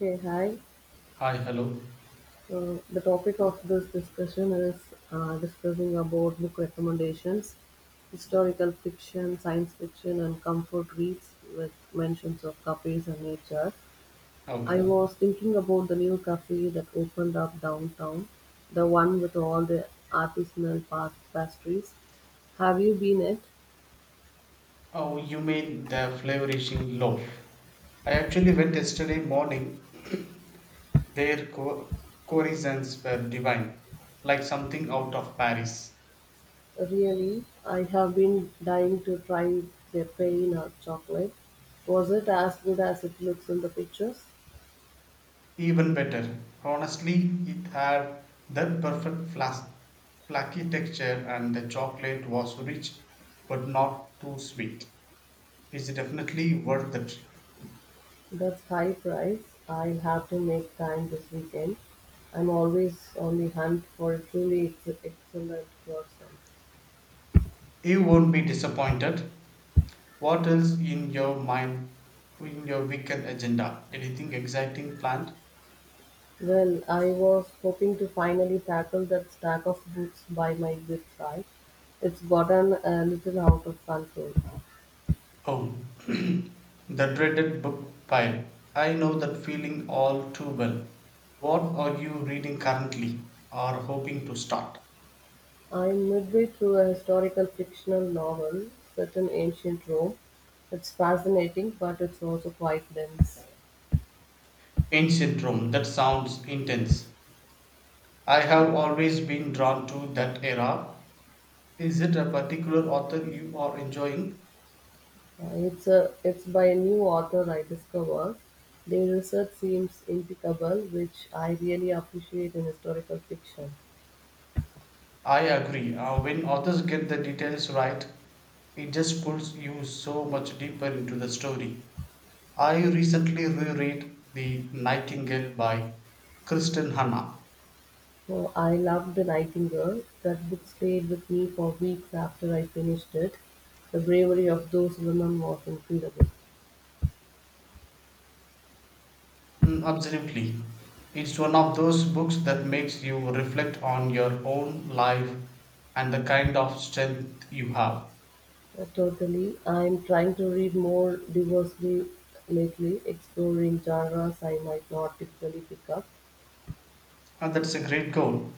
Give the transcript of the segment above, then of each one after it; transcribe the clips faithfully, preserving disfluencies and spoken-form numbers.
Hey, hi. Hi, hello. So the topic of this discussion is uh, discussing about book recommendations, historical fiction, science fiction, and comfort reads with mentions of cafes and nature. I Okay. was thinking about the new cafe that opened up downtown, the one with all the artisanal pa- pastries. Have you been it? Oh, you mean the flavorishing loaf? I actually went yesterday morning. Their co- corisons were divine, like something out of Paris. Really, I have been dying to try their pain or chocolate. Was it as good as it looks in the pictures? Even better. Honestly, it had that perfect flas- flaky texture, and the chocolate was rich but not too sweet. It's definitely worth the trip. That's high price. I'll have to make time this weekend. I'm always on the hunt for a truly ex- excellent person. You won't be disappointed. What else in your mind, in your weekend agenda? Anything exciting planned? Well, I was hoping to finally tackle that stack of books by my bedside. It's gotten a little out of control. Oh, the dreaded book pile. I know that feeling all too well. What are you reading currently or hoping to start? I'm midway through a historical fictional novel set in ancient Rome. It's fascinating, but it's also quite dense. Ancient Rome, that sounds intense. I have always been drawn to that era. Is it a particular author you are enjoying? Uh, It's a it's by a new author I discovered. Their research seems impeccable, which I really appreciate in historical fiction. I agree. Uh, when authors get the details right, it just pulls you so much deeper into the story. I recently reread The Nightingale by Kristen Hanna. Uh, I loved The Nightingale. That book stayed with me for weeks after I finished it. The bravery of those women was incredible. Mm, absolutely. It's one of those books that makes you reflect on your own life and the kind of strength you have. Uh, totally. I'm trying to read more diversely lately, exploring genres I might not typically pick up. And that's a great goal.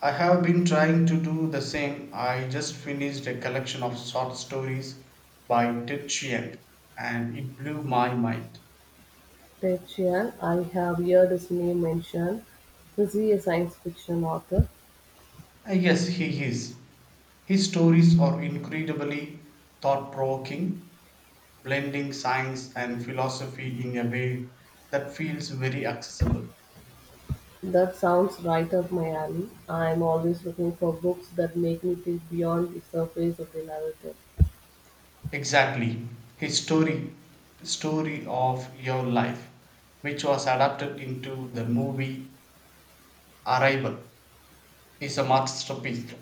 I have been trying to do the same. I just finished a collection of short stories by Ted Chiang and it blew my mind. Ted Chiang, I have heard his name mentioned. Is he a science fiction author? Uh, Yes, he is. His stories are incredibly thought provoking, blending science and philosophy in a way that feels very accessible. That sounds right up my alley. I'm always looking for books that make me think beyond the surface of the narrative. Exactly. His story, story of your life, which was adapted into the movie Arrival, is a masterpiece.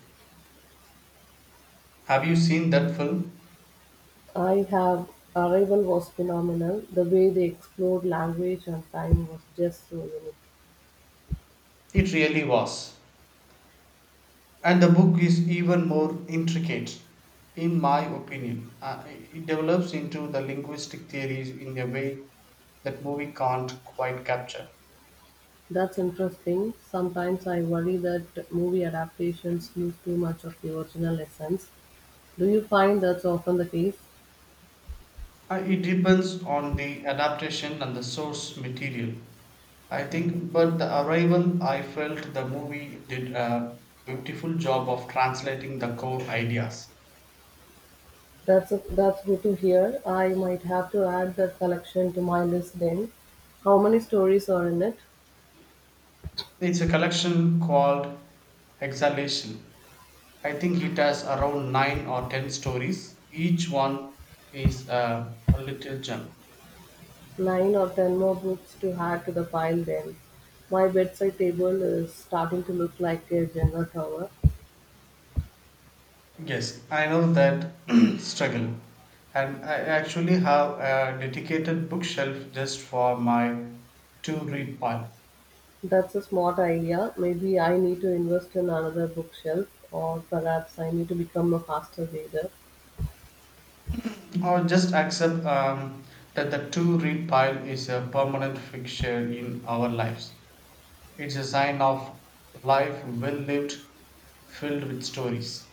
Have you seen that film? I have. Arrival was phenomenal. The way they explored language and time was just so unique. It really was. And the book is even more intricate, in my opinion. Uh, it develops into the linguistic theories in a way that movie can't quite capture. That's interesting. Sometimes I worry that movie adaptations lose too much of the original essence. Do you find that's often the case? Uh, it depends on the adaptation and the source material, I think, but the arrival, I felt the movie did a beautiful job of translating the core ideas. That's that's good to hear. I might have to add that collection to my list then. How many stories are in it? It's a collection called Exhalation. I think it has around nine or ten stories. Each one is a, a little gem. Nine or ten more books to add to the pile then. My bedside table is starting to look like a Jenga tower. Yes, I know that struggle. And I actually have a dedicated bookshelf just for my to read pile. That's a smart idea. Maybe I need to invest in another bookshelf, or perhaps I need to become a faster reader. Or just accept um, that the to read pile is a permanent fixture in our lives. It's a sign of life well lived, filled with stories.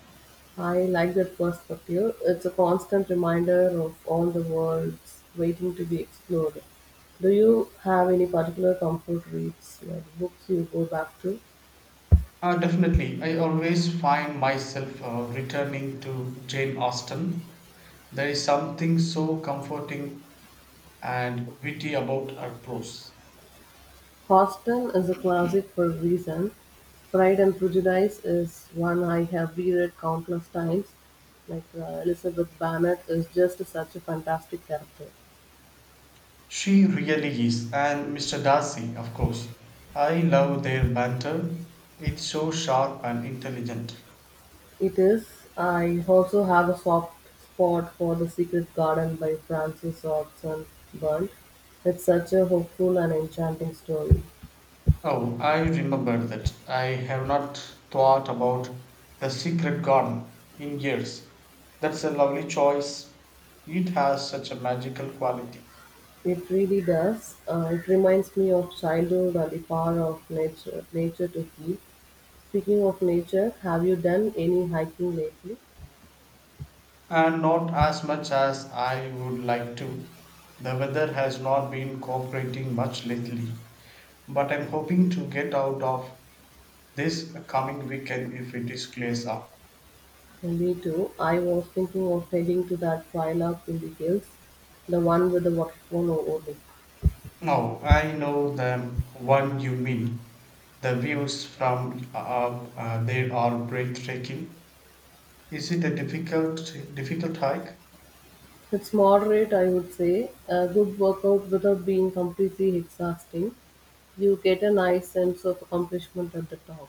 I like that perspective. It's a constant reminder of all the worlds waiting to be explored. Do you have any particular comfort reads, like books you go back to? Uh, definitely. I always find myself uh, returning to Jane Austen. There is something so comforting and witty about her prose. "Hostel" is a classic for a reason; "Pride and Prejudice" is one I have reread countless times. Like, uh, Elizabeth Bennet is just such a fantastic character. She really is. And Mister Darcy, of course. I love their banter. It's so sharp and intelligent. It is. I also have a soft spot for The Secret Garden by Frances Hodgson Burns. It's such a hopeful and enchanting story. Oh, I remember that. I have not thought about The Secret Garden in years. That's a lovely choice. It has such a magical quality. It really does. Uh, it reminds me of childhood and the power of nature, nature to heal. Speaking of nature, have you done any hiking lately? And not as much as I would like to. The weather has not been cooperating much lately, but I'm hoping to get out of this coming weekend if it is clears up. Me too. I was thinking of heading to that trail up in the hills, the one with the waterfall over it. No, I know the one you mean. The views from up uh, there are breathtaking. Is it a difficult difficult hike? It's moderate, I would say. A good workout without being completely exhausting. You get a nice sense of accomplishment at the top.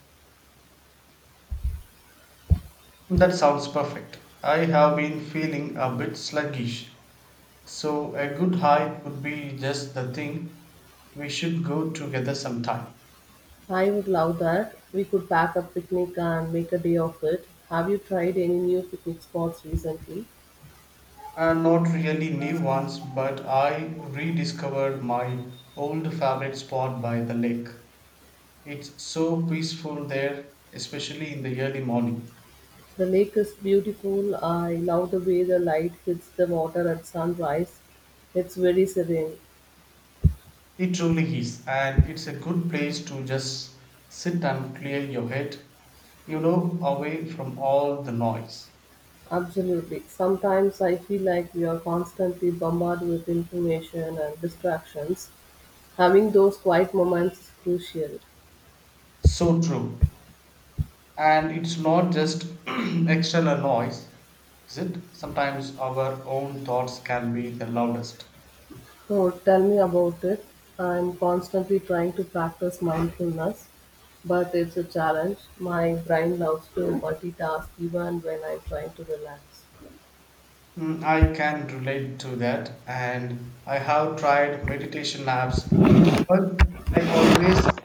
That sounds perfect. I have been feeling a bit sluggish, so a good hike would be just the thing. We should go together sometime. I would love that. We could pack a picnic and make a day of it. Have you tried any new picnic spots recently? And not really new ones, but I rediscovered my old favorite spot by the lake. It's so peaceful there, especially in the early morning. The lake is beautiful. I love the way the light hits the water at sunrise. It's very serene. It truly is, and it's a good place to just sit and clear your head, you know, away from all the noise. Absolutely. Sometimes I feel like we are constantly bombarded with information and distractions. Having those quiet moments is crucial. So true. And it's not just external noise, is it? Sometimes our own thoughts can be the loudest. So tell me about it. I'm constantly trying to practice mindfulness, but it's a challenge. My brain loves to multitask even when I'm trying to relax. Mm, I can relate to that. And I have tried meditation apps, but i always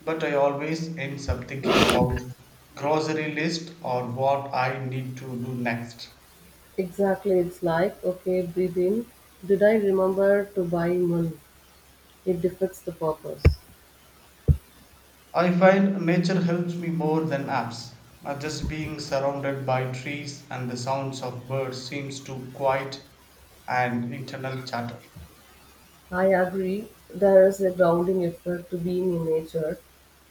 but I always ends up thinking about grocery list or what I need to do next. Exactly, it's like, okay, breathing, did I remember to buy one? It defeats the purpose. I find nature helps me more than apps. Uh, just being surrounded by trees and the sounds of birds seems to quiet and internal chatter. I agree, there is a grounding effect to being in nature.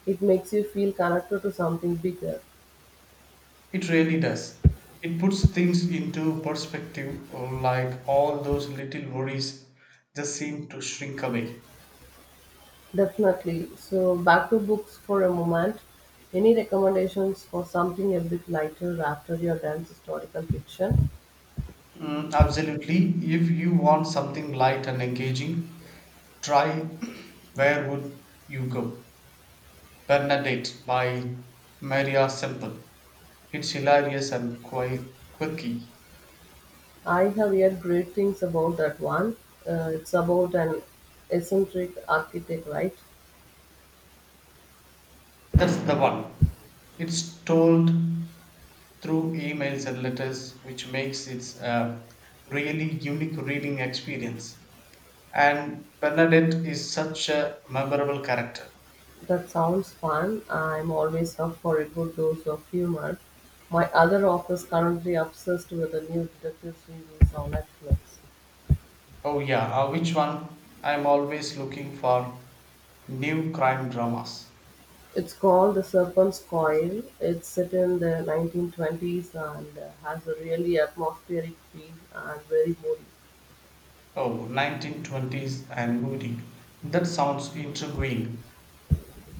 It makes you feel connected to something bigger. It really does. It puts things into perspective, uh, like all those little worries just seem to shrink away. Definitely. So, back to books for a moment. Any recommendations for something a bit lighter after your dense historical fiction? Mm, absolutely. If you want something light and engaging, try Where Would You Go? Bernadette by Maria Semple. It's hilarious and quite quirky. I have heard great things about that one. Uh, it's about an eccentric architect, right? That's the one. It's told through emails and letters, which makes it a really unique reading experience. And Bernadette is such a memorable character. That sounds fun. I'm always up for a good dose of humor. My other author is currently obsessed with a new detective series on Netflix. Oh, yeah, uh, which one? I'm always looking for new crime dramas. It's called The Serpent's Coil. It's set in the nineteen twenties and uh, has a really atmospheric feel and very moody. Oh, nineteen twenties and moody. That sounds intriguing.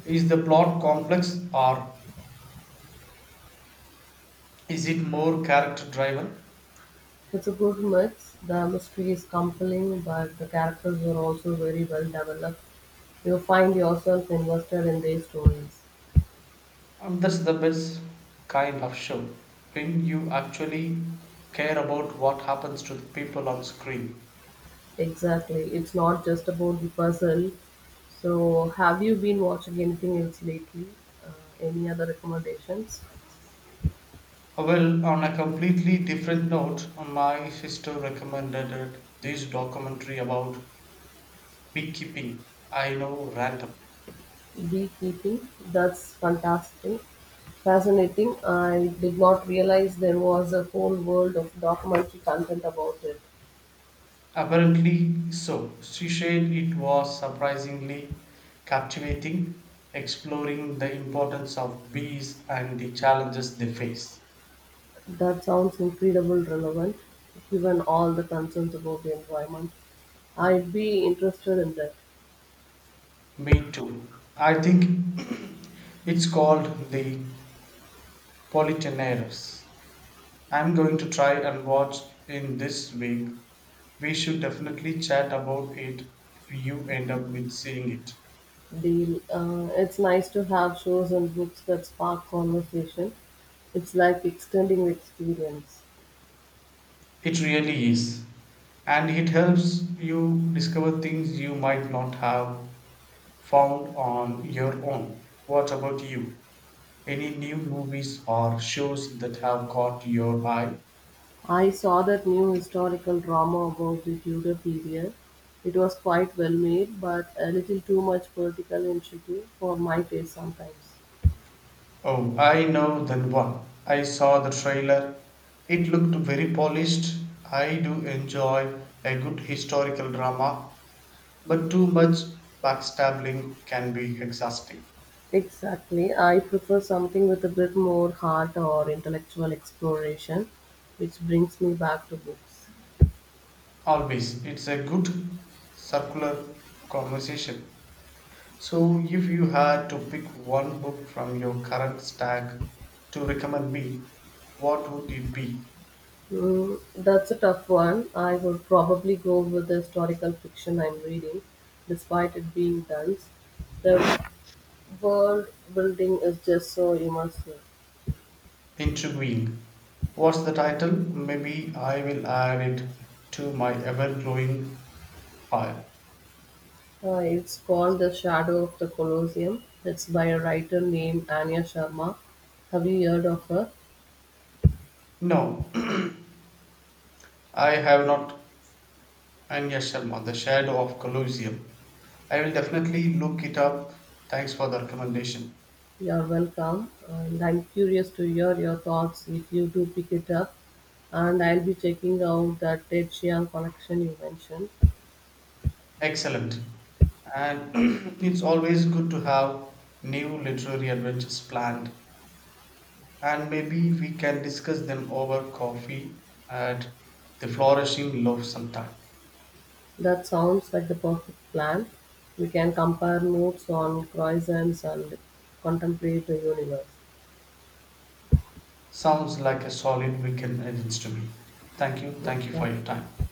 Is the plot complex or is it more character driven? It's a good mix. The mystery is compelling, but the characters are also very well developed. You will find yourself invested in their stories. Um, that's the best kind of show when you actually care about what happens to the people on screen. Exactly. It's not just about the puzzle. So, have you been watching anything else lately? Uh, any other recommendations? Well, on a completely different note, my sister recommended this documentary about beekeeping. I know, random. Beekeeping. That's fantastic. Fascinating. I did not realize there was a whole world of documentary content about it. Apparently, so she said it was surprisingly captivating, exploring the importance of bees and the challenges they face. That sounds incredibly relevant, given all the concerns about the environment. I'd be interested in that. Me too. I think it's called The Politenaires. I'm going to try and watch in this week. We should definitely chat about it if you end up with seeing it. Deal. Uh, it's nice to have shows and books that spark conversation. It's like extending the experience. It really is. And it helps you discover things you might not have found on your own. What about you? Any new movies or shows that have caught your eye? I saw that new historical drama about the Tudor period. It was quite well made, but a little too much political intrigue for my taste sometimes. Oh, I know that one. I saw the trailer. It looked very polished. I do enjoy a good historical drama, but too much backstabbing can be exhausting. Exactly. I prefer something with a bit more heart or intellectual exploration, which brings me back to books. Always, it's a good circular conversation. So, if you had to pick one book from your current stack to recommend me, what would it be? Mm, that's a tough one. I would probably go with the historical fiction I'm reading, despite it being dense. The world building is just so immersive. Intriguing. What's the title? Maybe I will add it to my ever growing pile. Uh, it's called The Shadow of the Colosseum. It's by a writer named Anya Sharma. Have you heard of her? No, I have not. Anya Sharma, The Shadow of Colosseum. I will definitely look it up. Thanks for the recommendation. You're welcome, and I'm curious to hear your thoughts if you do pick it up. And I'll be checking out that Ted Chiang collection you mentioned. Excellent. And it's always good to have new literary adventures planned. And maybe we can discuss them over coffee at the Flourishing Love sometime. That sounds like the perfect plan. We can compare notes on croissants and contemplate the universe. Sounds like a solid weekend agents to me. Thank you. Oh, Thank you for thank your time. you.